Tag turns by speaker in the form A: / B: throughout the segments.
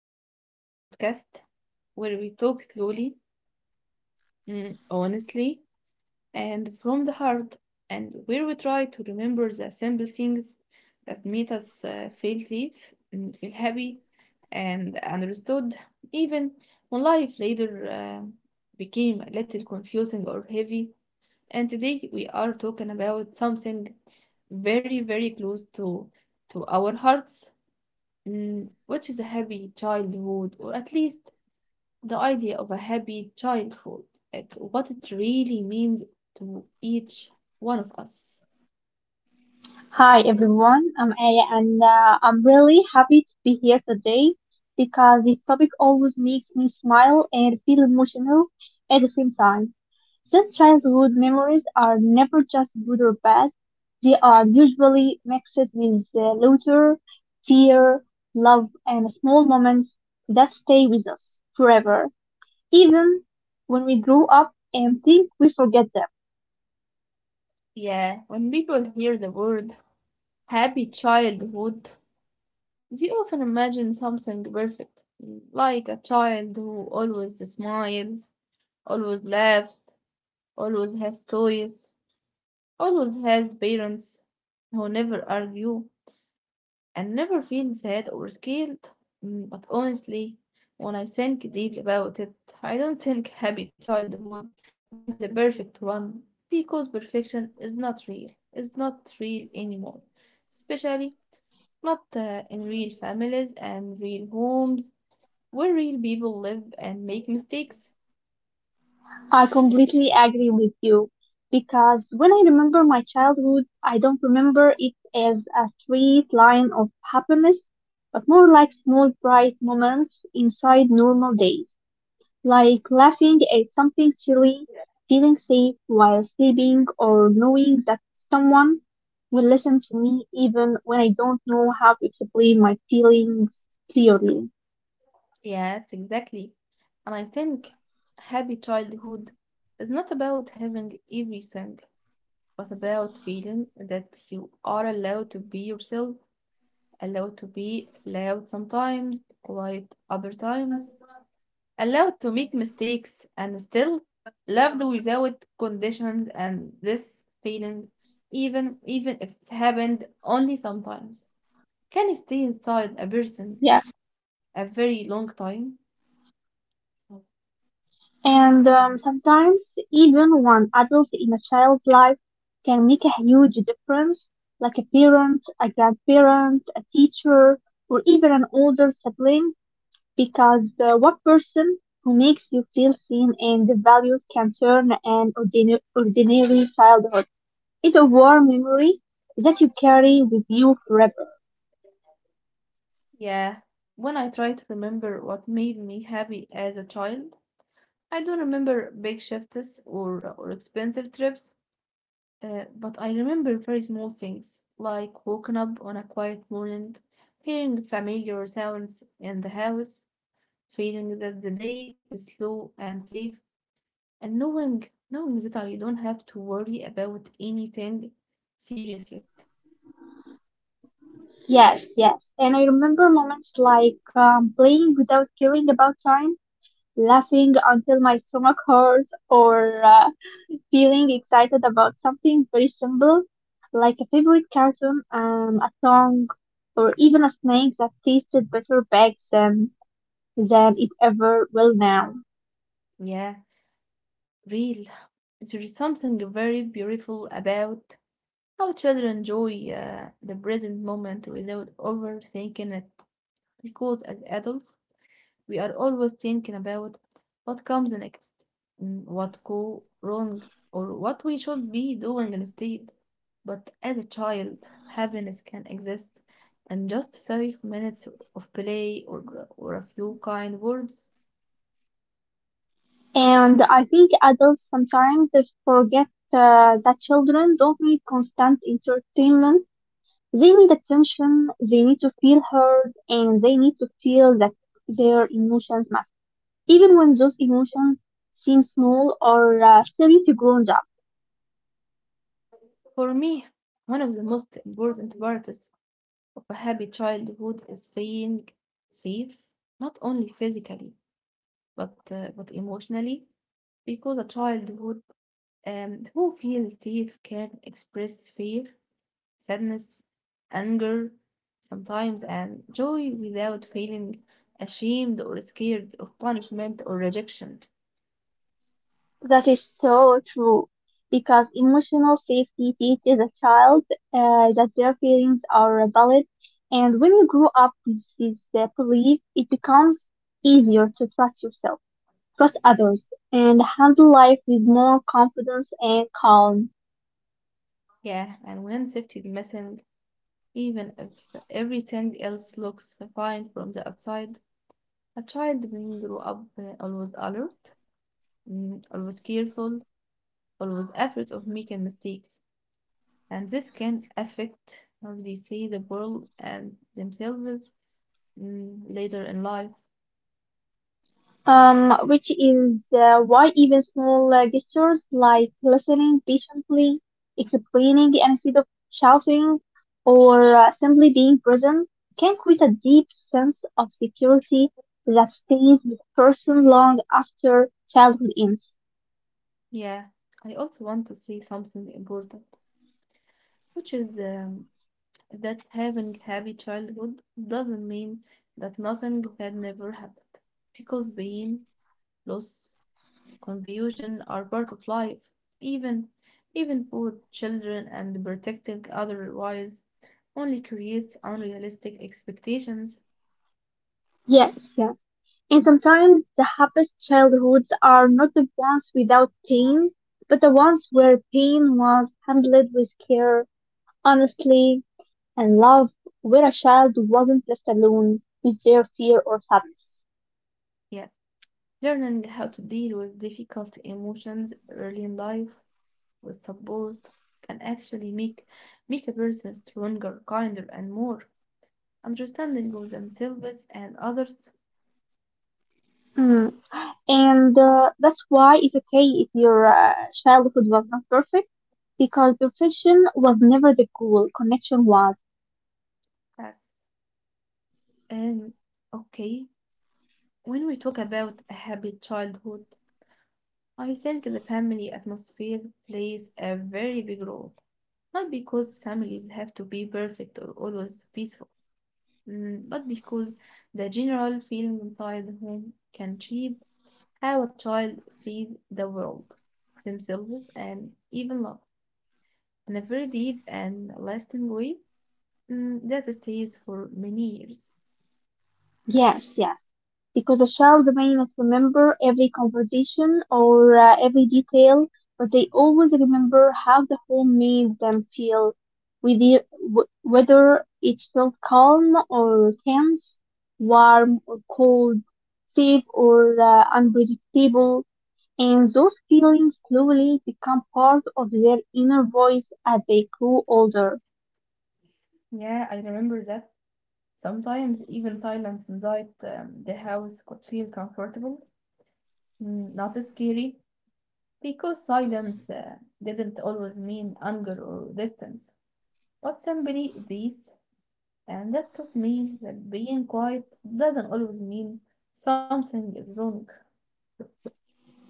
A: welcome to our podcast where we talk slowly, honestly, and from the heart, and where we try to remember the simple things that make us feel safe, and feel happy, and understood, even when life later became a little confusing or heavy. And today we are talking about something very, very close to our hearts. Mm, what is a happy childhood, or at least the idea of a happy childhood, like what it really means to each one of us.
B: Hi everyone, I'm Aya and I'm really happy to be here today because this topic always makes me smile and feel emotional at the same time. Since childhood memories are never just good or bad, they are usually mixed with laughter, fear, love, and small moments that stay with us forever, even when we grow up and think we forget them.
A: Yeah, when people hear the word happy childhood, they often imagine something perfect, like a child who always smiles, always laughs, always has toys, always has parents who never argue and never feel sad or scared. But honestly, when I think deep about it, I don't think happy childhood means a perfect one because perfection is not real. It's not real anymore, especially not in real families and real homes where real people live and make mistakes.
B: I completely agree with you because when I remember my childhood, I don't remember it as a straight line of happiness, but more like small bright moments inside normal days, like laughing at something silly, feeling safe while sleeping, or knowing that someone will listen to me even when I don't know how to explain my feelings clearly.
A: Yes, exactly. And I think happy childhood is not about having everything. What about feeling that you are allowed to be yourself, allowed to be loud sometimes, quiet other times, allowed to make mistakes and still loved without conditions, and this feeling even if it happened only sometimes can stay inside a
B: Yes.
A: person a very long time.
B: And sometimes, even one adult in a child's life can make a huge difference, like a parent, a grandparent, a teacher, or even an older sibling, because one person who makes you feel seen and valued can turn an ordinary childhood into a warm memory that you carry with you forever.
A: Yeah, when I try to remember what made me happy as a child, I don't remember big shifts or expensive trips, but I remember very small things, like waking up on a quiet morning, hearing familiar sounds in the house, feeling that the day is slow and safe. And knowing that I don't have to worry about anything serious yet.
B: Yes, yes. And I remember moments like playing without caring about time, laughing until my stomach hurt, or feeling excited about something very simple, like a favorite cartoon, a song, or even a snack that tasted better back then than it ever will now.
A: Yeah, real. There is something very beautiful about how children enjoy the present moment without overthinking it. Because as adults, we are always thinking about what comes next, what go wrong, or what we should be doing instead. But as a child, happiness can exist and just 5 minutes of play or a few kind words.
B: And I think adults sometimes they forget that children don't need constant entertainment. They need attention, they need to feel heard, and they need to feel that their emotions matter. Even when those emotions seem small or silly to grown up.
A: For me, one of the most important parts of a happy childhood is feeling safe, not only physically, but emotionally, because a childhood who feels safe can express fear, sadness, anger, sometimes, and joy without feeling ashamed or scared of punishment or rejection.
B: That is so true because emotional safety teaches a child that their feelings are valid. And when you grow up with this belief, it becomes easier to trust yourself, trust others, and handle life with more confidence and calm.
A: Yeah, and when safety is missing, even if everything else looks fine from the outside, a child will grow up always alert, always careful, always afraid of making mistakes, and this can affect how they see the world and themselves later in life.
B: Which is why even small gestures like listening patiently, explaining instead of shouting, or simply being present can create a deep sense of security that stays with a person long after childhood ends.
A: Yeah, I also want to say something important, which is that having happy childhood doesn't mean that nothing had never happened, because pain, loss, confusion are part of life. Even even poor children and protecting otherwise only creates unrealistic expectations.
B: Yes, yeah. And sometimes the happiest childhoods are not the ones without pain, but the ones where pain was handled with care, honestly, and love, where a child wasn't left alone with their fear or sadness.
A: Yeah. Learning how to deal with difficult emotions early in life with support can actually make a person stronger, kinder, and more understanding of themselves and others.
B: Mm. And that's why it's okay if your childhood was not perfect, because perfection was never the goal, connection was.
A: Yes. Um, okay. When we talk about a happy childhood, I think the family atmosphere plays a very big role. Not because families have to be perfect or always peaceful, but because the general feeling inside the home can shape how a child sees the world, themselves, and even love in a very deep and lasting way that stays for many years.
B: Yes, yes. Because a child may not remember every conversation or every detail, but they always remember how the home made them feel, whether whether it felt calm or tense, warm or cold, safe or unpredictable. And those feelings slowly become part of their inner voice as they grow older.
A: Yeah, I remember that. Sometimes even silence inside the house could feel comfortable, not scary, because silence didn't always mean anger or distance, but simply peace. And that taught me that being quiet doesn't always mean something is wrong.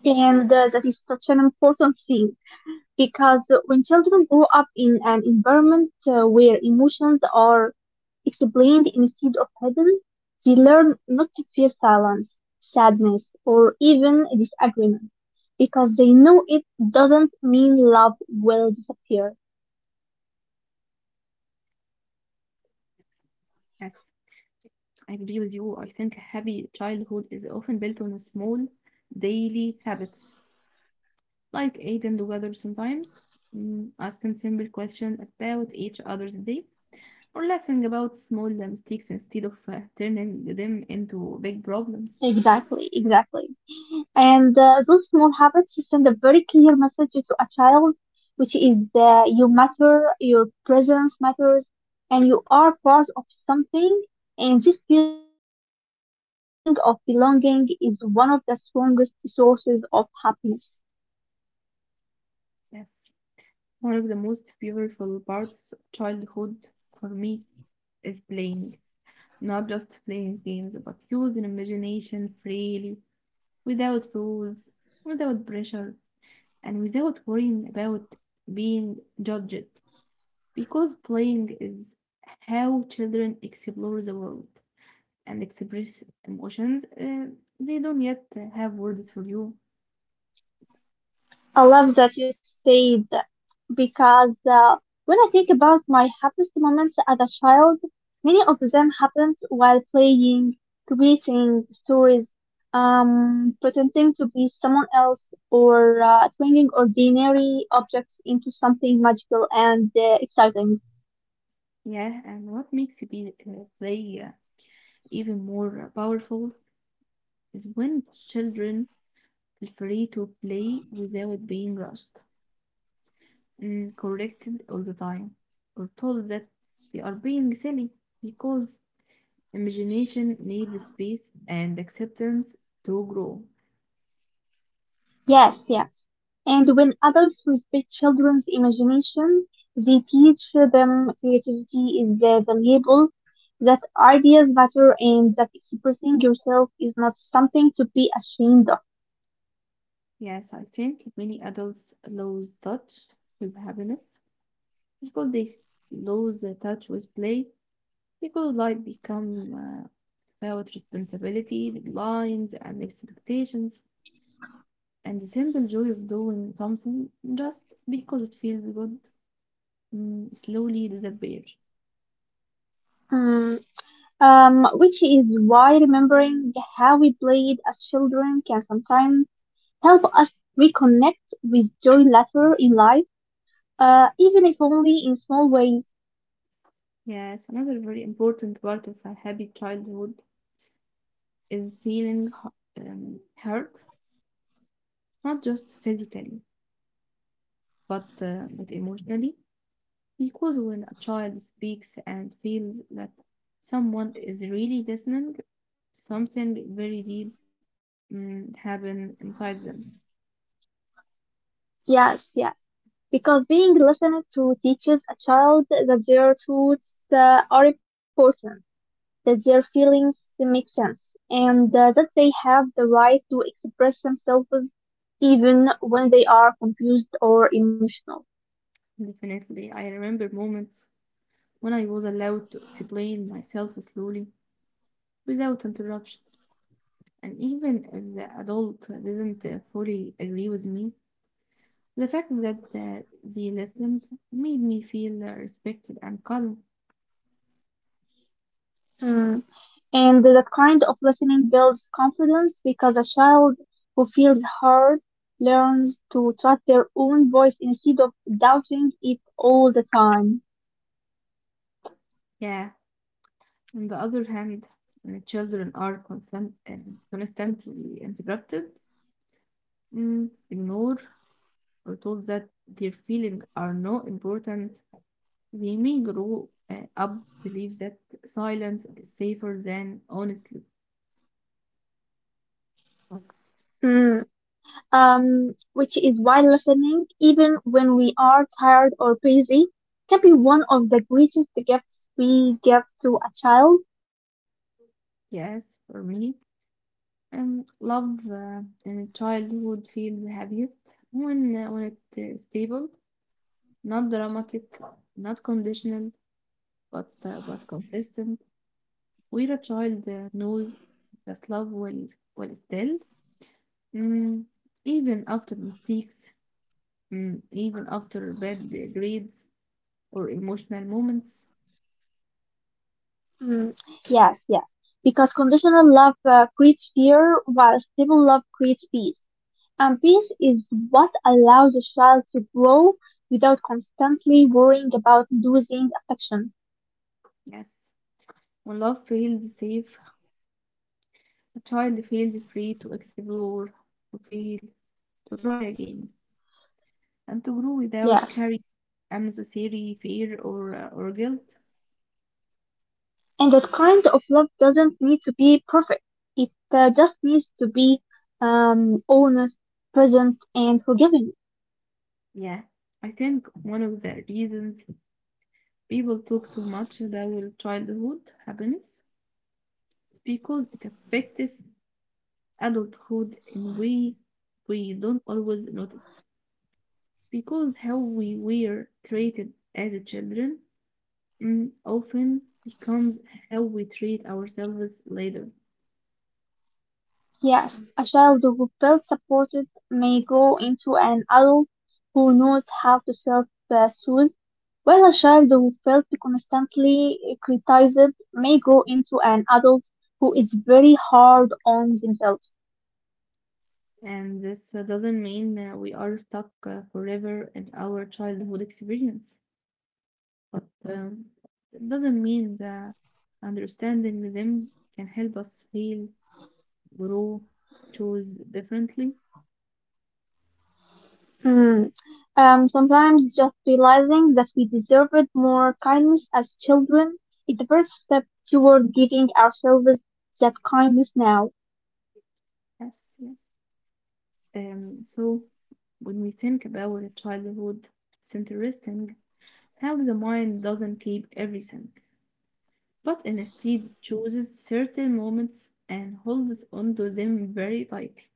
B: And that is such an important thing, because when children grow up in an environment where emotions are explained instead of hidden, they learn not to fear silence, sadness, or even disagreement because they know it doesn't mean love will disappear.
A: Yes. I agree with you. I think happy childhood is often built on small daily habits, like eating together sometimes, asking simple questions about each other's day, or laughing about small mistakes instead of turning them into big problems.
B: Exactly, exactly. And those small habits send a very clear message to a child, which is you matter, your presence matters, and you are part of something. And this feeling of belonging is one of the strongest sources of happiness.
A: Yes. One of the most beautiful parts of childhood for me is playing. Not just playing games, but using imagination freely without rules, without pressure, and without worrying about being judged. Because playing is how children explore the world and express emotions they don't yet have words for you.
B: I love that you said that because when I think about my happiest moments as a child, many of them happened while playing, creating stories, pretending to be someone else, or turning ordinary objects into something magical and exciting.
A: Yeah, and what makes play even more powerful is when children feel free to play without being rushed, corrected all the time, or told that they are being silly, because imagination needs space and acceptance to grow.
B: Yes, yes. And when adults respect children's imagination, they teach them creativity is the valuable, that ideas matter, and that expressing yourself is not something to be ashamed of.
A: Yes, I think many adults lose touch with happiness because lose the touch with play because life become about responsibility, deadlines, and expectations, and the simple joy of doing something just because it feels good slowly disappear.
B: Mm. Which is why remembering how we played as children can sometimes help us reconnect with joy later in life, even if only in small ways.
A: Yes, another very important part of a happy childhood is feeling hurt, not just physically, but emotionally, because when a child speaks and feels that someone is really listening, something very deep happen inside them.
B: Yes, yes. Because being listened to teaches a child that their thoughts are important, that their feelings make sense, and that they have the right to express themselves even when they are confused or emotional.
A: Definitely, I remember moments when I was allowed to explain myself slowly without interruption, and even if the adult didn't fully agree with me, the fact that they listened made me feel respected and calm.
B: Mm. And that kind of listening builds confidence because a child who feels heard learns to trust their own voice instead of doubting it all the time.
A: Yeah. On the other hand, when children are constantly interrupted, ignored, or told that their feelings are not important, they may grow up believe that silence is safer than honestly. But
B: Mm. Which is while listening, even when we are tired or busy, can be one of the greatest gifts we give to a child.
A: yes, for me, love in childhood feels happiest when it's stable, not dramatic, not conditional, but consistent. Where a child knows that love will still, mm, even after mistakes, even after bad grades or emotional moments.
B: Mm, yes, yes, because conditional love creates fear, while stable love creates peace. And peace is what allows a child to grow without constantly worrying about losing affection.
A: Yes. When love feels safe, a child feels free to explore, to feel, to try again, and to grow without
B: Yes.
A: carrying unnecessary fear or guilt.
B: And that kind of love doesn't need to be perfect. It just needs to be honest, present, and forgiving.
A: Yeah, I think one of the reasons people talk so much about childhood happiness, it's because it affects adulthood in way we don't always notice. Because how we were treated as children often becomes how we treat ourselves later.
B: Yes, a child who felt supported may grow into an adult who knows how to self-soothe, while a child who felt constantly criticized may grow into an adult who is very hard on themselves.
A: And this doesn't mean we are stuck forever in our childhood experience, but um, it doesn't mean that understanding them can help us heal, grow, choose differently.
B: Hmm. Sometimes just realizing that we deserved more kindness as children is the first step toward giving ourselves that kindness now.
A: Yes, yes. Um, so, when we think about childhood, it's interesting how the mind doesn't keep everything, but instead chooses certain moments and holds onto them very tightly,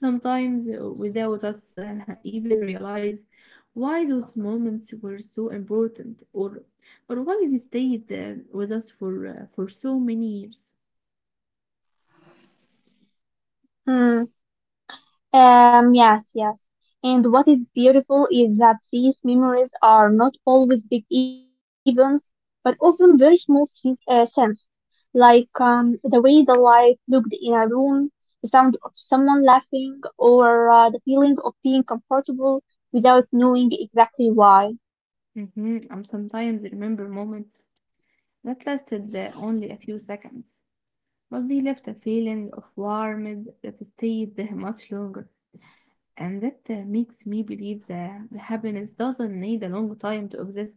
A: sometimes without us even realize why those moments were so important or why they stayed with us for so many years.
B: Hmm. Yes, yes. And what is beautiful is that these memories are not always big events, but often very small sense, like the way the light looked in a room, the sound of someone laughing, or the feeling of being comfortable without knowing exactly why.
A: Mhm. And sometimes remember moments that lasted only a few seconds, but they left a feeling of warmth that stayed there much longer. And that makes me believe that the happiness doesn't need a long time to exist.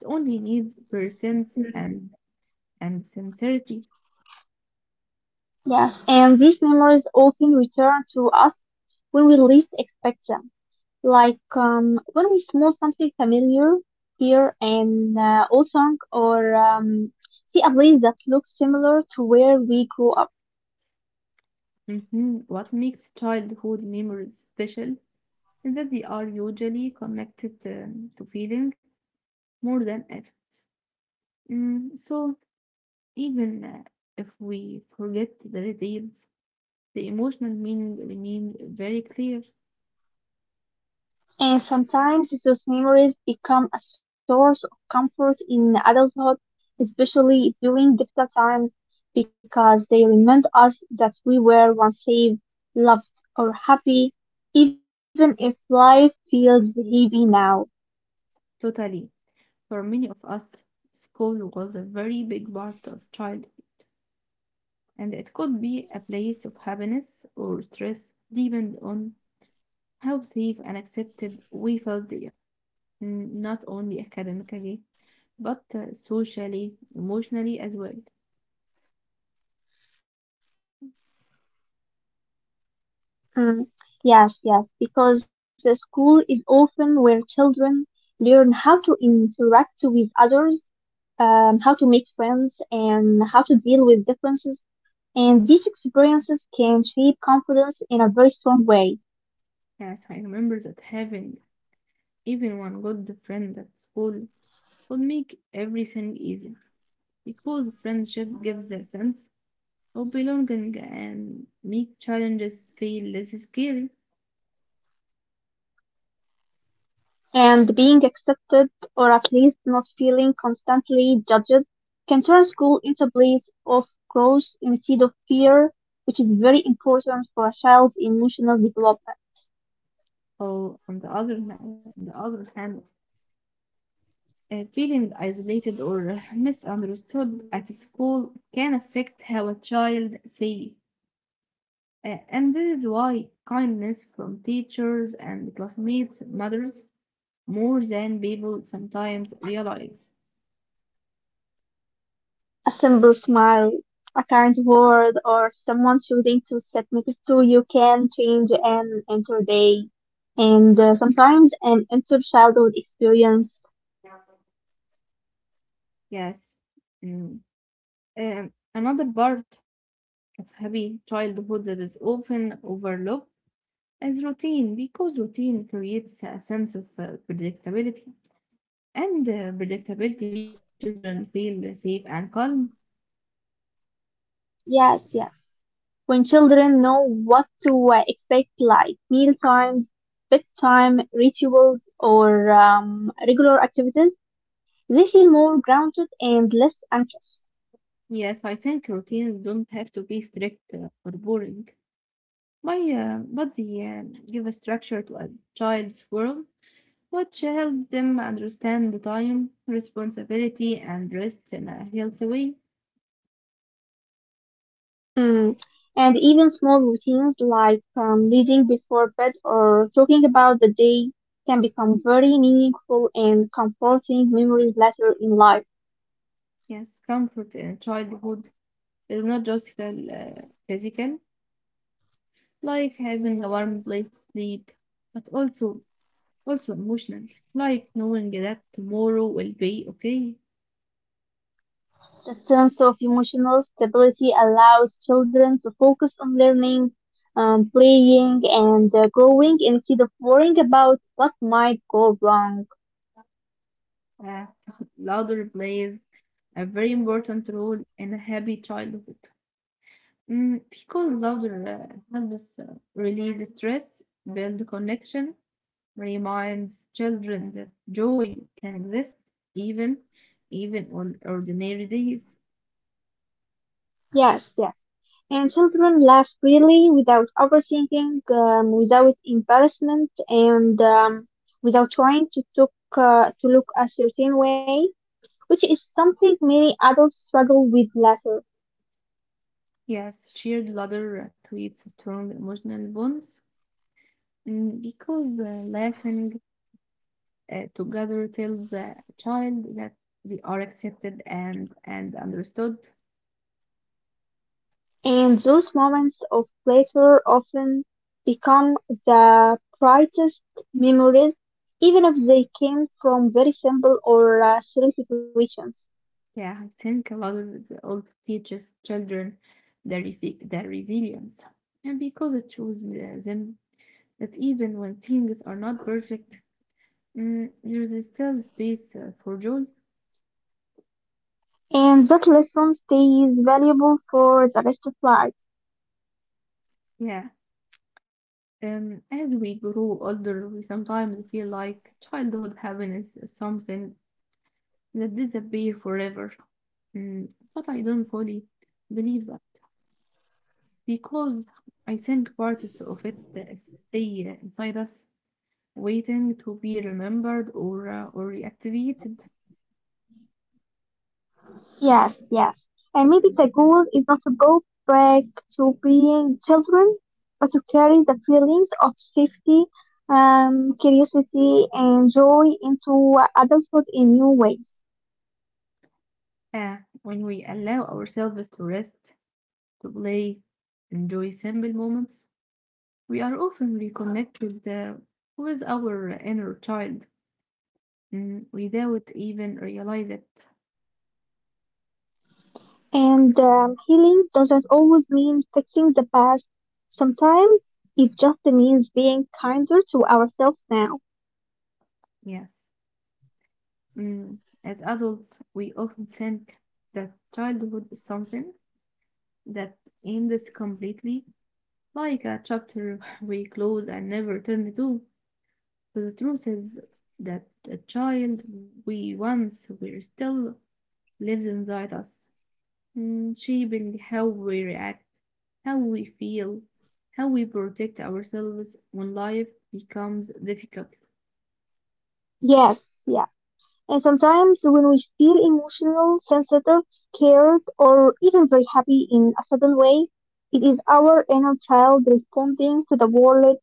A: It only needs presence
B: Mm.
A: and sincerity.
B: Yes, and these memories often return to us when we least expect them. Like when we smell something familiar here in autumn or see a place that looks similar to where we grew up.
A: Mhm. What makes childhood memories special is that they are usually connected to feeling more than effects. Mm, so, Even if we forget the details, the emotional meaning remains very clear.
B: And sometimes those memories become a source of comfort in adulthood, especially during difficult times, because they remind us that we were once safe, loved, or happy, even if life feels heavy now.
A: Totally. For many of us, school was a very big part of childhood, and it could be a place of happiness or stress, depending on how safe and accepted we felt. Not only academically, but socially, emotionally as well.
B: Mm, yes, yes, because the school is often where children learn how to interact with others, how to make friends, and how to deal with differences. And these experiences can shape confidence in a very strong way.
A: Yes, I remember that having even one good friend at school would make everything easier, because friendship gives a sense of belonging and make challenges feel less scary.
B: And being accepted, or at least not feeling constantly judged, can turn school into a place of growth instead of fear, which is very important for a child's emotional development.
A: Or on the other hand, on the other hand, Feeling isolated or misunderstood at school can affect how a child sees. And this is why kindness from teachers and classmates matters more than people sometimes realize.
B: A simple smile, a kind word, or someone choosing to sit next to you can change an entire day and sometimes an entire childhood experience.
A: Yes. Mm. Another part of happy childhood that is often overlooked is routine, because routine creates a sense of predictability. And predictability makes children feel safe and calm.
B: Yes, yes. When children know what to expect, like meal times, bedtime rituals, or regular activities, they feel more grounded and less anxious.
A: Yes, I think routines don't have to be strict or boring. My body give a structure to a child's world, which help them understand the time, responsibility, and rest in a healthy way.
B: Mm. And even small routines like reading before bed or talking about the day can become very meaningful and comforting memories later in life.
A: Yes, comfort in childhood is not just physical, like having a warm place to sleep, but also emotional, like knowing that tomorrow will be okay.
B: The sense of emotional stability allows children to focus on learning, playing, and growing instead of worrying about what might go wrong.
A: Uh, louder plays a very important role in a happy childhood. Because laughter helps release stress, build connection, reminds children that joy can exist even even on ordinary days.
B: Yes, yes. And children laugh freely, without overthinking, without embarrassment, and without trying to look a certain way, which is something many adults struggle with later.
A: Yes, shared laughter creates strong emotional bonds because laughing together tells a child that they are accepted and understood.
B: And those moments of pleasure often become the brightest memories, even if they came from very simple or silly situations.
A: Yeah, I think a lot of the old teaches children their resilience. And because it shows them that even when things are not perfect, there is still space for joy.
B: And that lesson stays valuable for the rest of life.
A: Yeah. As we grow older, we sometimes feel like childhood happiness is something that disappears forever. Mm, but I don't fully believe that because I think parts of it stay inside us waiting to be remembered or reactivated.
B: Yes, yes. And maybe the goal is not to go back to being children, but to carry the feelings of safety, curiosity, and joy into adulthood in new ways.
A: Uh, when we allow ourselves to rest, to play, enjoy simple moments, we are often reconnected with our inner child, without even realize it.
B: And healing doesn't always mean fixing the past. Sometimes it just means being kinder to ourselves now.
A: Yes. Mm, as adults, we often think that childhood is something that ends completely, like a chapter we close and never turn to. But the truth is that the child we once were still lives inside us, shaping how we react, how we feel, how we protect ourselves when life becomes difficult.
B: Yes, yes. And sometimes when we feel emotional, sensitive, scared, or even very happy in a sudden way, it is our inner child responding to the world,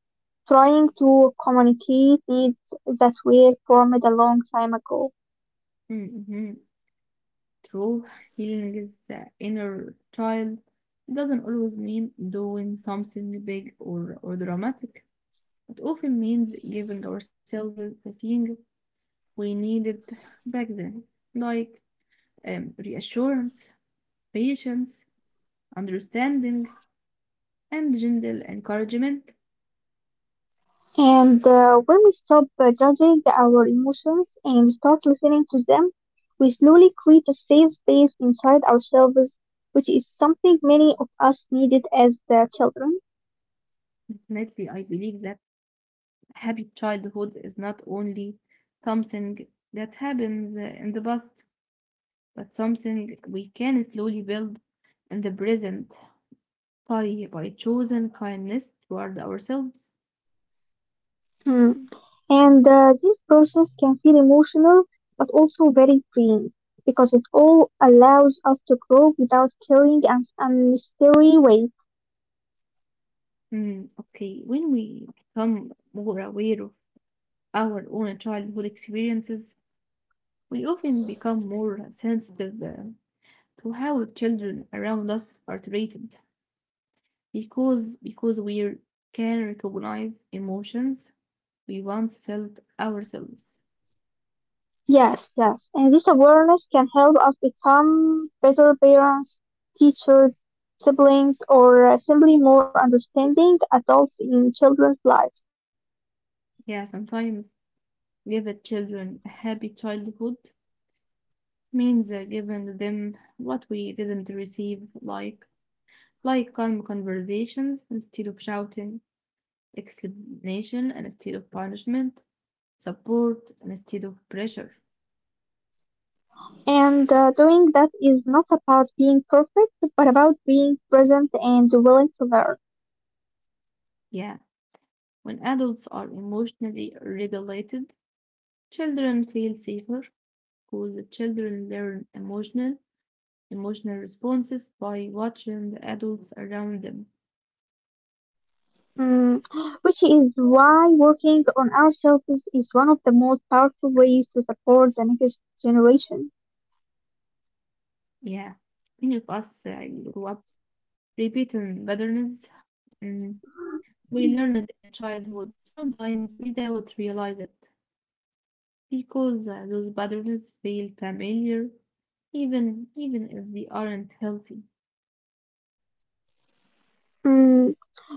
B: trying to communicate needs that were formed a long time ago.
A: Mm-hmm. True, healing is the inner child. It doesn't always mean doing something big or dramatic. It often means giving ourselves the thing we needed back then, like reassurance, patience, understanding, and gentle encouragement.
B: And when we stop judging our emotions and start listening to them, we slowly create a safe space inside ourselves, which is something many of us needed as children.
A: Definitely, I believe that happy childhood is not only something that happens in the past, but something we can slowly build in the present by choosing kindness toward ourselves.
B: Hmm. And this process can feel emotional, but also very freeing because it all allows us to grow without carrying an unnecessary weight.
A: Okay, when we become more aware of our own childhood experiences, we often become more sensitive to how children around us are treated because we can recognize emotions we once felt ourselves.
B: Yes, yes. And this awareness can help us become better parents, teachers, siblings, or simply more understanding adults in children's lives.
A: Yeah, sometimes giving children a happy childhood means giving them what we didn't receive, like calm conversations instead of shouting, explanation instead of punishment, support instead of pressure.
B: And doing that is not about being perfect, but about being present and willing to learn.
A: Yeah, when adults are emotionally regulated, children feel safer because children learn emotional responses by watching the adults around them.
B: Mm, which is why working on ourselves is one of the most powerful ways to support the next generation.
A: Yeah, many of us grew up repeating patterns mm, we learned in childhood, sometimes without realize it, because those patterns feel familiar, even if they aren't healthy.
B: Mm,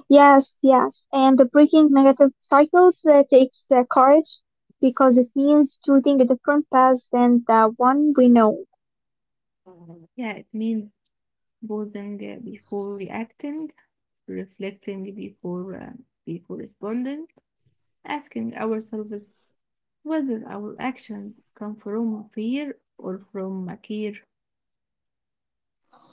B: yes, yes. And the breaking negative cycles takes courage because it means choosing a different path than the one we know.
A: Yeah, it means pausing before reacting, reflecting before responding, asking ourselves whether our actions come from fear or from a care.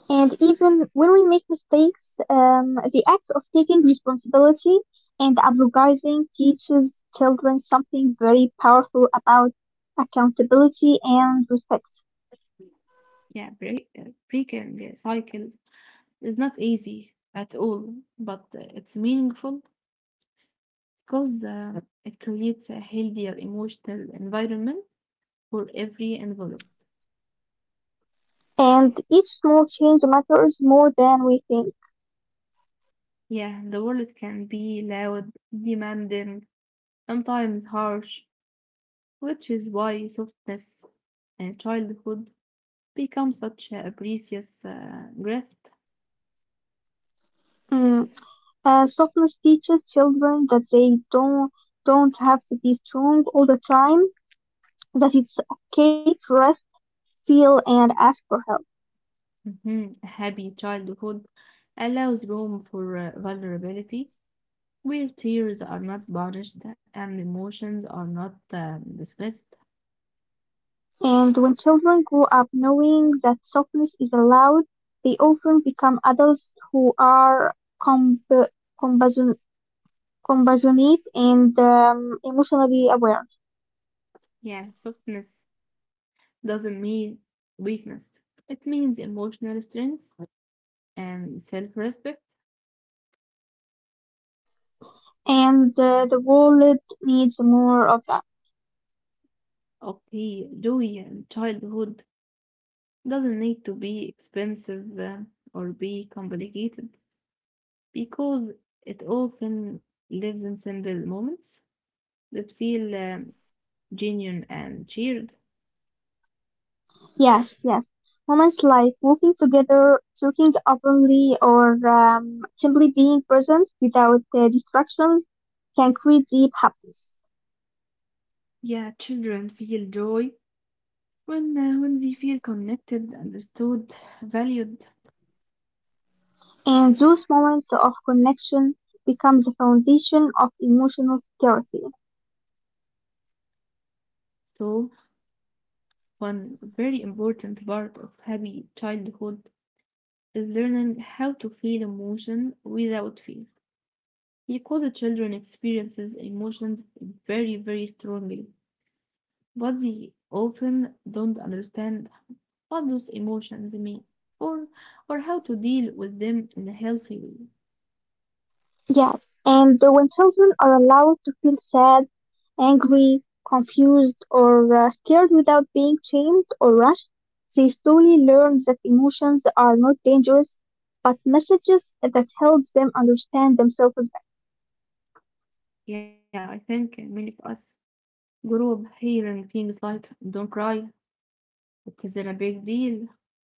B: And even when we make mistakes, the act of taking responsibility and apologizing teaches children something very powerful about accountability and respect.
A: Yeah, break, uh, breaking cycles is not easy at all, but it's meaningful because it creates a healthier emotional environment for every involved.
B: And each small change matters more than we think.
A: Yeah, the world can be loud, demanding, sometimes harsh, which is why softness in childhood becomes such a precious gift.
B: Mm. Softness teaches children that they don't have to be strong all the time, that it's okay to rest, feel, and ask for help.
A: Mhm. A happy childhood allows room for vulnerability, where tears are not punished and emotions are not dismissed.
B: And when children grow up knowing that softness is allowed, they often become adults who are comp- compassion- compassionate and emotionally aware.
A: Yeah, softness doesn't mean weakness. It means emotional strength and self-respect.
B: And The world needs more of that.
A: Okay, joy in childhood doesn't need to be expensive, or be complicated because it often lives in simple moments that feel genuine and cheered.
B: Yes, yes. Moments like walking together, talking openly, or simply being present without distractions can create deep happiness.
A: Yeah, children feel joy when they feel connected, understood, valued.
B: And those moments of connection become the foundation of emotional security.
A: So, one very important part of happy childhood is learning how to feel emotion without fear. Because the children experiences emotions very, very strongly, but they often don't understand what those emotions mean or or how to deal with them in a healthy way.
B: Yes, and when children are allowed to feel sad, angry, confused, or scared without being shamed or rushed, they slowly learn that emotions are not dangerous, but messages that help them understand themselves better.
A: Yeah, I think many of us group hearing things like don't cry, it isn't a big deal,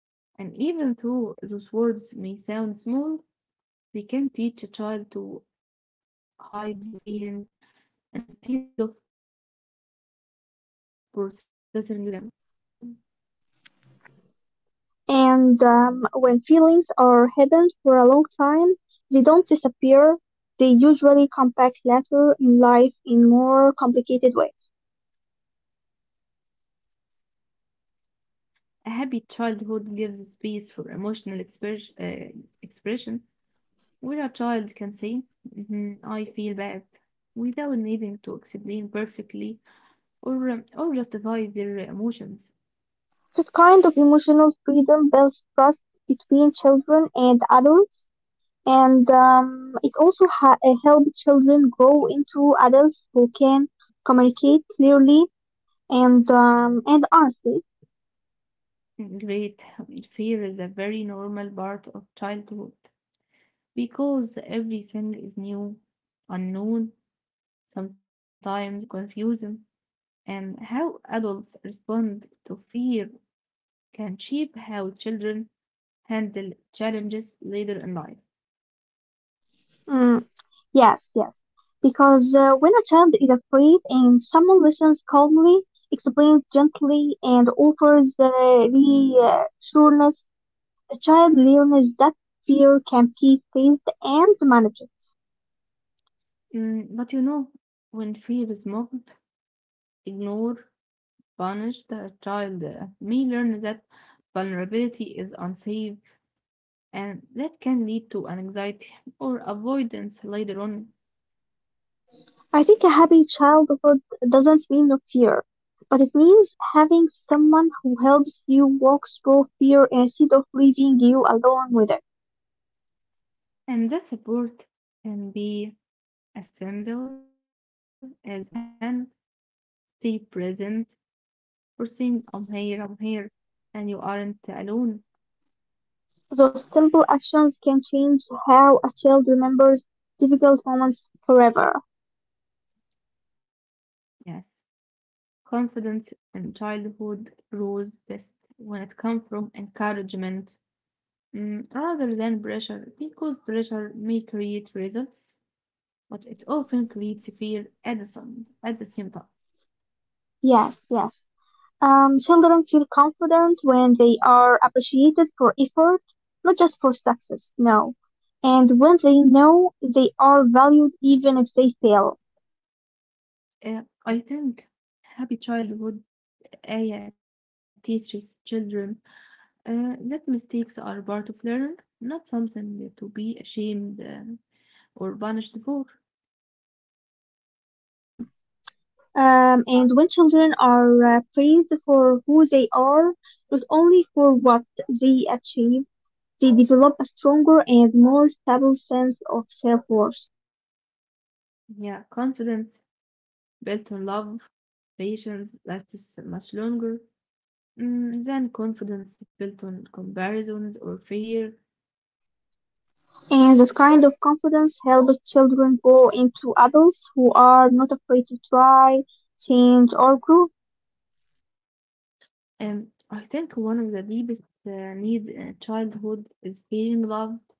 A: and even though those words may sound small, they can teach a child to hide their feelings instead of processing them. Mm.
B: And When feelings are hidden for a long time, they don't disappear. They usually come back later in life in more complicated ways.
A: A happy childhood gives space for emotional expression, where a child can say, "Mhm, I feel bad," without needing to explain perfectly or justify their emotions.
B: That kind of emotional freedom builds trust between children and adults, and it also helps children grow into adults who can communicate clearly and honestly.
A: Great. Fear is a very normal part of childhood because everything is new, unknown, sometimes confusing, and how adults respond to fear can shape how children handle challenges later in life.
B: Mm, yes, yes. Because when a child is afraid and someone listens calmly, explains gently, and offers reassurance, the child learns that fear can be faced and managed.
A: But you know, when fear is mocked, ignored, punished, a child may learn that vulnerability is unsafe and that can lead to anxiety or avoidance later on.
B: I think a happy childhood doesn't mean no fear, but it means having someone who helps you walk through fear instead of leaving you alone with it.
A: And the support can be as simple as holding the hand, stay present, or saying, "I'm here, I'm here, and you aren't alone."
B: Those simple actions can change how a child remembers difficult moments forever.
A: Yes, confidence in childhood grows best when it comes from encouragement, rather than pressure, because pressure may create results, but it often creates fear at the same time.
B: Yes, yes. Children feel confident when they are appreciated for effort, not just for success, no. And when they know they are valued even if they fail.
A: I think happy childhood ayah teaches children that mistakes are part of learning, not something to be ashamed or punished for.
B: Hmm. And when children are praised for who they are, not only for what they achieve, they develop a stronger and more stable sense of self worth.
A: Yeah, confidence built on love, patience lasts much longer, than confidence built on comparisons or fear.
B: And that kind of confidence helps children grow into adults who are not afraid to try, change, or grow.
A: I think one of the deepest needs in childhood is feeling loved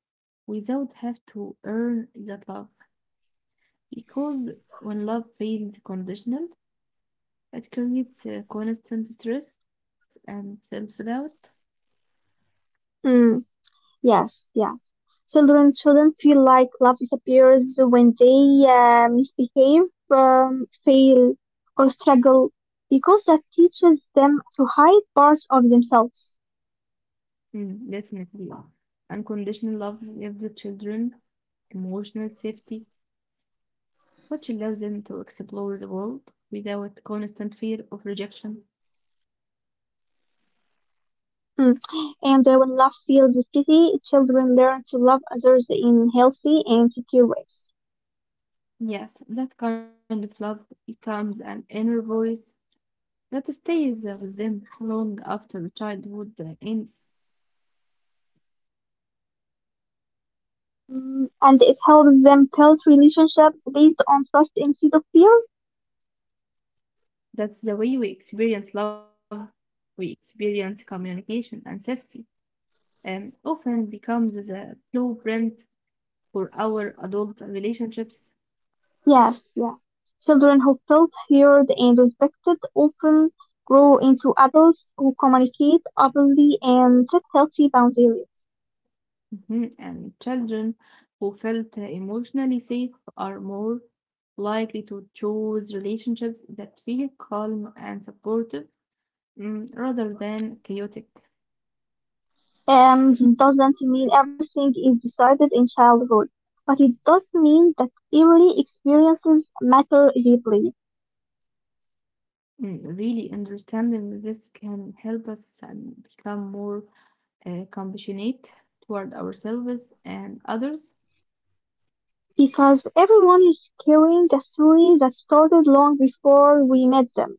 A: without have to earn that love. Because when love feels conditional, it creates constant stress and self-doubt.
B: Mm. Yes, yes. Children shouldn't feel like love disappears when they misbehave, fail, or struggle, because that teaches them to hide parts of themselves.
A: Definitely. Unconditional love gives the children emotional safety, which allows them to explore the world without constant fear of rejection.
B: Mm. And when love feels steady, children learn to love others in healthy and secure ways.
A: Yes, that kind of love becomes an inner voice that stays with them long after childhood ends.
B: Mm, and it helps them build relationships based on trust instead of fear.
A: That's the way we experience love, we experience communication and safety, and often becomes the blueprint for our adult relationships.
B: Yes, yes. Children who felt heard and respected often grow into adults who communicate openly and set healthy boundaries.
A: Mhm. And children who felt emotionally safe are more likely to choose relationships that feel calm and supportive, rather than chaotic.
B: This doesn't mean everything is decided in childhood, but it does mean that early experiences matter deeply
A: Really understanding this can help us become more compassionate toward ourselves and others.
B: because everyone is carrying a story that started long before we met them.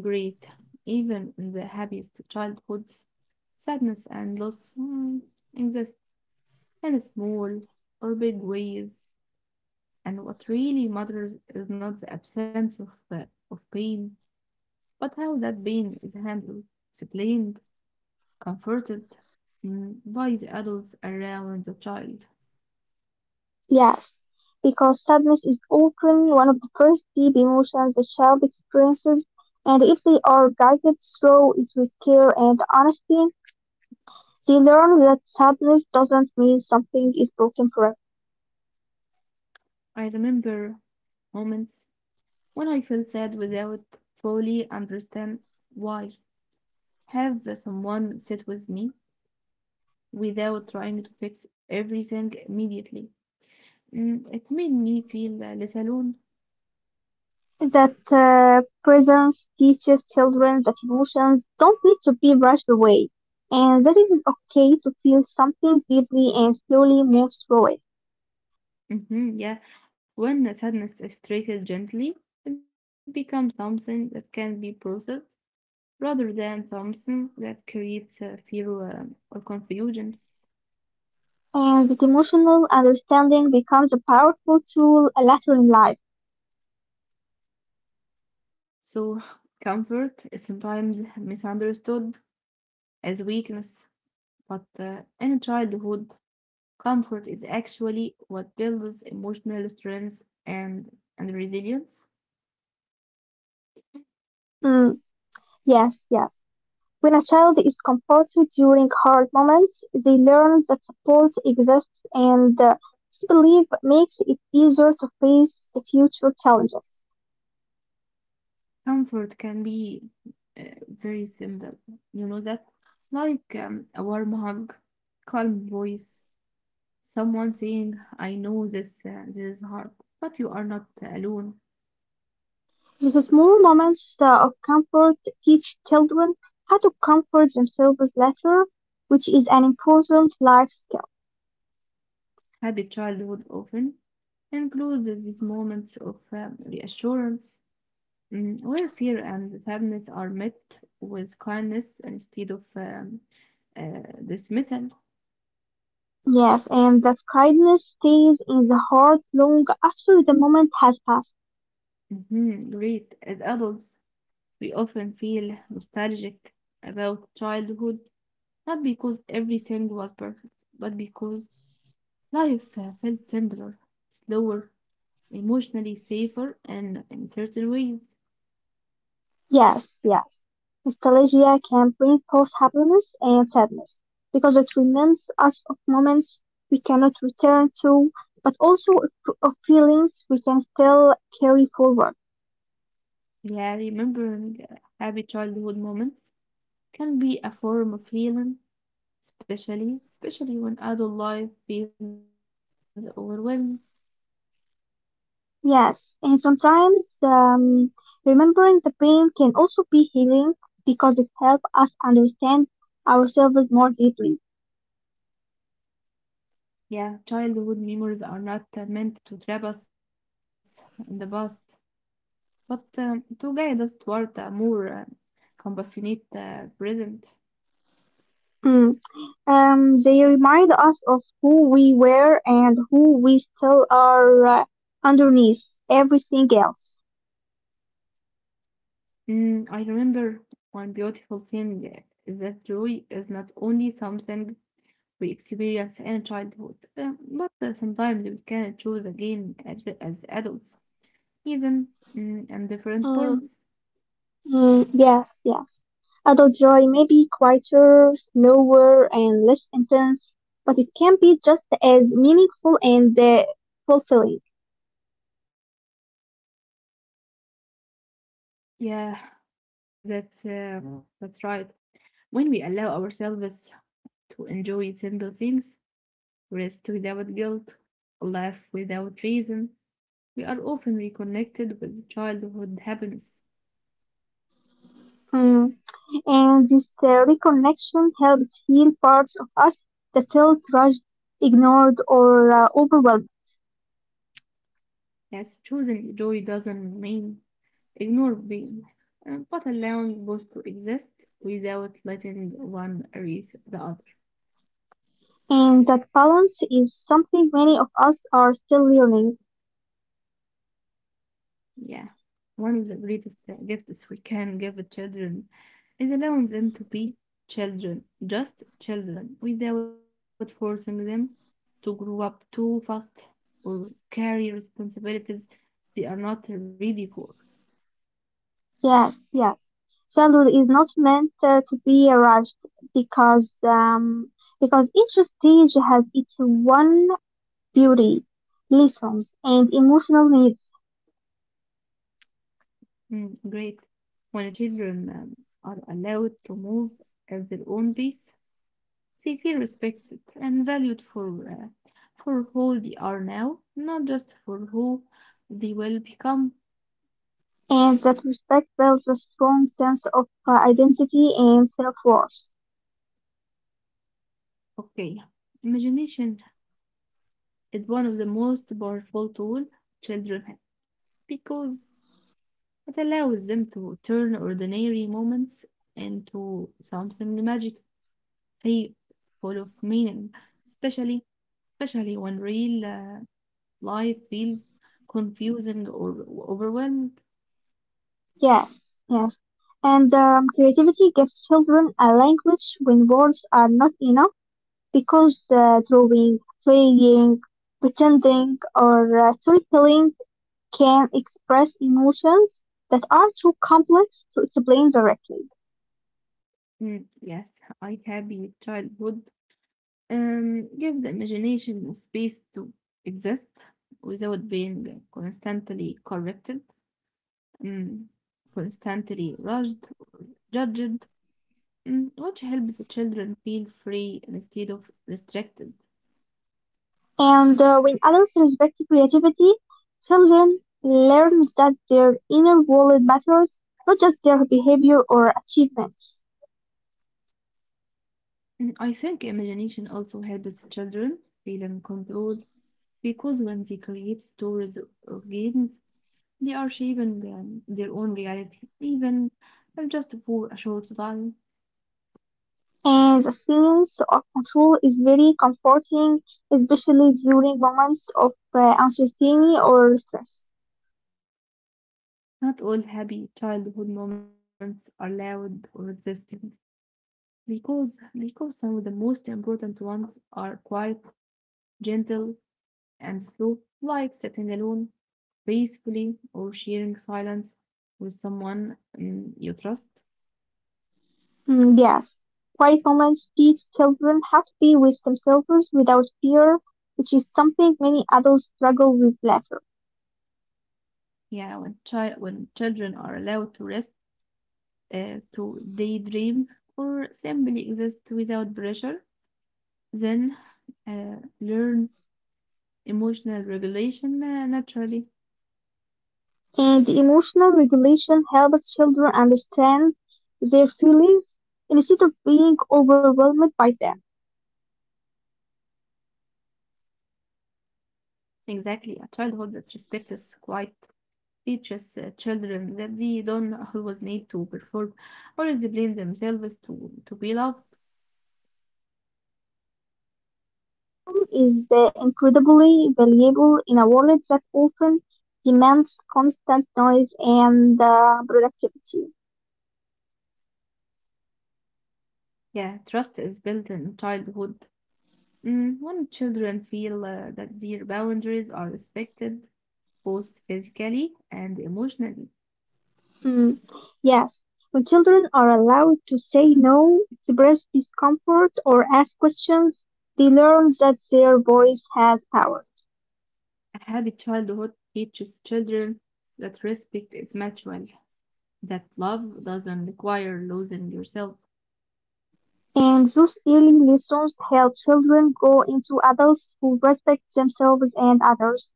A: Great. Even in the happiest childhoods, sadness and loss, exist in small or big ways. And what really matters is not the absence of pain, but how that pain is handled, explained, comforted, by the adults around the child.
B: Yes, because sadness is often one of the first deep emotions a child experiences, and if they are guided through it with care and honesty, they learn that sadness doesn't mean something is broken forever.
A: I remember moments when I felt sad without fully understand why. Have someone sit with me without trying to fix everything immediately. It made me feel less alone.
B: That presence teaches children that emotions don't need to be rushed away, and that it is okay to feel something deeply and slowly move through it.
A: Yeah, when sadness is treated gently, it becomes something that can be processed rather than something that creates fear or confusion.
B: And that emotional understanding becomes a powerful tool later in life.
A: So, comfort is sometimes misunderstood as weakness. But in childhood, comfort is actually what builds emotional strength and resilience.
B: Mm, yes, yes. When a child is comforted during hard moments, they learn that support exists, and this belief makes it easier to face the future challenges.
A: Comfort can be uh, very simple, you know that, like a warm hug, calm voice, someone saying, "I know this is hard, but you are not alone."
B: The small moments of comfort teach children how to comfort themselves later, which is an important life skill.
A: Happy childhood often includes these moments of reassurance, where fear and sadness are met with kindness instead of dismissal.
B: Yes, and that kindness stays in the heart long after the moment has passed.
A: Mhm. Great. As adults, we often feel nostalgic about childhood, not because everything was perfect, but because life felt simpler, slower, emotionally safer, and in certain ways.
B: Yes, yes. Nostalgia can bring both happiness and sadness because it reminds us of moments we cannot return to, but also of feelings we can still carry forward.
A: Yeah, remembering happy childhood moments can be a form of healing. Especially when adult life feels overwhelming.
B: Yes, and sometimes remembering the pain can also be healing because it helps us understand ourselves more deeply.
A: Yeah, childhood memories are not meant to trap us in the past, but to guide us toward a more compassionate present.
B: Hmm. They remind us of who we were and who we still are underneath everything else.
A: I remember one beautiful thing is that joy is not only something we experience in childhood, but sometimes we can choose again as adults, even, in
B: Mm,
A: different forms.
B: mm, yes, yes. Adult joy may be quieter, slower, and less intense, but it can be just as meaningful and fulfilling.
A: Yeah, That's Mm. that's right. When we allow ourselves to enjoy simple things, rest without guilt, laugh without reason, we are often reconnected with childhood happiness.
B: Mm. And this reconnection helps heal parts of us that felt rushed, ignored, or overwhelmed.
A: Yes, choosing joy doesn't mean ignore pain, but allowing both to exist without letting one erase the other.
B: And that balance is something many of us are still learning.
A: Yeah, one of the greatest gifts we can give children is allowing them to be children, just children, without forcing them to grow up too fast or carry responsibilities they are not ready for.
B: Yes, yes. Childhood is not meant to be rushed because um, because each stage has its one beauty, lessons, and emotional needs.
A: Great. When children are allowed to move at their own pace, they feel respected and valued for who they are now, not just for who they will become.
B: And that respect builds a strong sense of identity and self-worth.
A: Okay, imagination is one of the most powerful tool children have because it allows them to turn ordinary moments into something magic, safe, full of meaning, especially especially when real life feels confusing or overwhelmed.
B: Yes, yes. And creativity gives children a language when words are not enough. Because drawing, playing, pretending, or storytelling can express emotions that are too complex to explain directly.
A: Yes, I happy childhood gives the imagination a space to exist without being constantly corrected. Mm. Constantly rushed, judged, which helps the children feel free instead of restricted.
B: And when adults respect creativity, children learn that their inner world matters, not just their behavior or achievements.
A: I think imagination also helps the children feel in control because when they create stories or games, they are shaping their own reality, even if just for a short time.
B: And the sense of control is very comforting, especially during moments of uncertainty or stress.
A: Not all happy childhood moments are loud or existing. Because some of the most important ones are quiet, gentle, and slow, like sitting alone peacefully or sharing silence with someone, you trust.
B: Mm, yes. Quiet moments teach children how to be with themselves without fear, which is something many adults struggle with later.
A: Yeah, when children are allowed to rest, to daydream, or simply exist without pressure, then learn emotional regulation naturally.
B: And the emotional regulation helps children understand their feelings instead of being overwhelmed by them.
A: Exactly, a childhood that respects quiet teaches children that they don't always need to perform or explain themselves to be loved.
B: Time is incredibly valuable in a world that often demands constant noise and productivity.
A: Yeah, trust is built in childhood. When children feel that their boundaries are respected, both physically and emotionally,
B: Mm, yes, when children are allowed to say no, express discomfort, or ask questions, they learn that their voice has power.
A: a happy childhood teaches children that respect is mutual, that love doesn't require losing yourself.
B: And those early lessons help children grow into adults who respect themselves and others,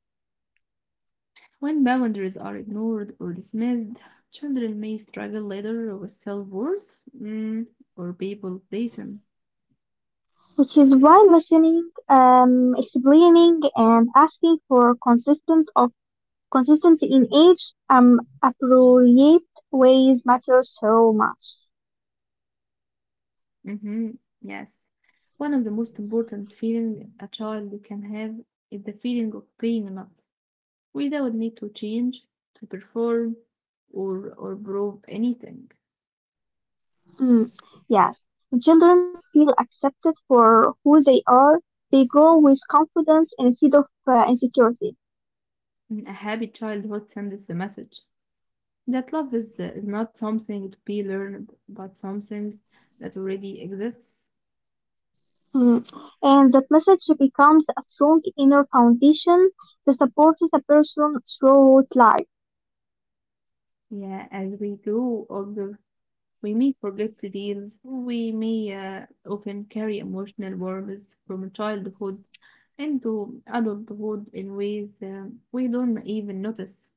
A: When boundaries are ignored or dismissed, children may struggle later with self worth, or people place them.
B: which is why listening, explaining, and asking for consistent in age appropriate ways matter so much.
A: hmm Yes. One of the most important feelings a child can have is the feeling of being enough, without need to change, to perform, or prove anything.
B: Mm, yes, when children feel accepted for who they are, they grow with confidence instead of insecurity.
A: A happy childhood sends the message that love is not something to be learned, but something that already exists.
B: Mm. And that message becomes a strong inner foundation that supports a person throughout life.
A: Yeah, as we grow older, we may forget the deals. We may often carry emotional wounds from childhood into adulthood in ways we don't even notice.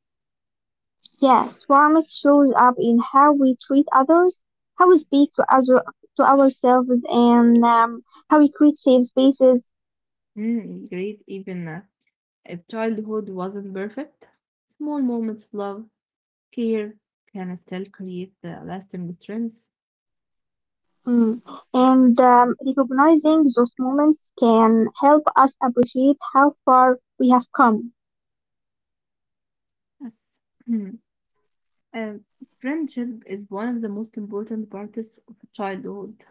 B: Yes, warmth shows up in how we treat others, how we speak to ourselves, and how we create safe spaces.
A: Mm, great, even if childhood wasn't perfect, small moments of love, care can still create the lasting strengths.
B: Mm. And recognizing those moments can help us appreciate how far we have come.
A: Yes. Uh, Friendship is one of the most important parts of childhood.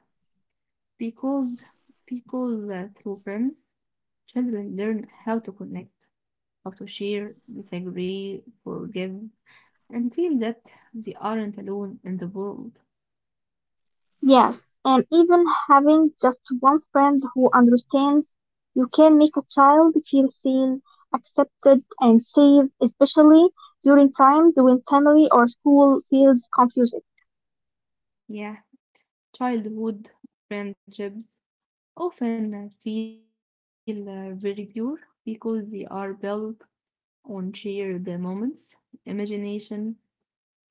A: Because because through friends, children learn how to connect, how to share, disagree, forgive, and feel that they aren't alone in the world.
B: Yes, and even having just one friend who understands you can make a child feel seen, accepted, and safe, especially during times when family or school feels confusing.
A: Yeah, childhood friendships often feel very pure because they are built on shared moments, imagination,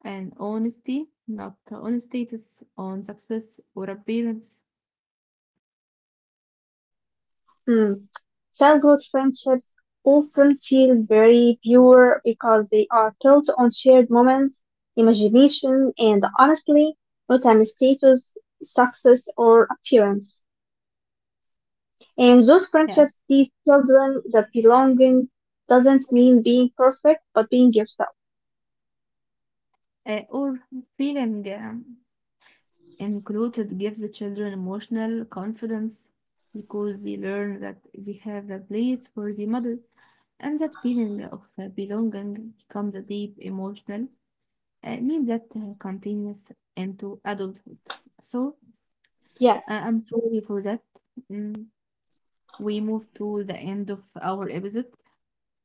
A: and honesty, not on status, on success or appearance.
B: Hmm. Childhood friendships often feel very pure because they are built on shared moments, imagination, and honestly, not on status, success, or appearance. And those
A: Yes,
B: friendships teach children that belonging doesn't mean being perfect, but being yourself.
A: or feeling. Included gives the children emotional confidence because they learn that they have a place for their mother and that feeling of belonging becomes a deep emotional need that continues into adulthood. So
B: Yes.
A: I'm sorry for that. Mm, we move to the end of our episode,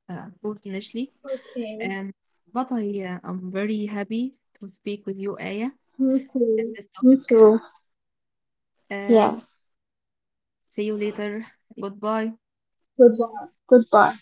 A: unfortunately.
B: Okay.
A: Um, but I am very happy to speak with you, Aya,
B: Me
A: at
B: too.
A: this
B: Me
A: topic.
B: too.
A: Um
B: Yeah.
A: See you later. Goodbye.
B: Goodbye. Goodbye.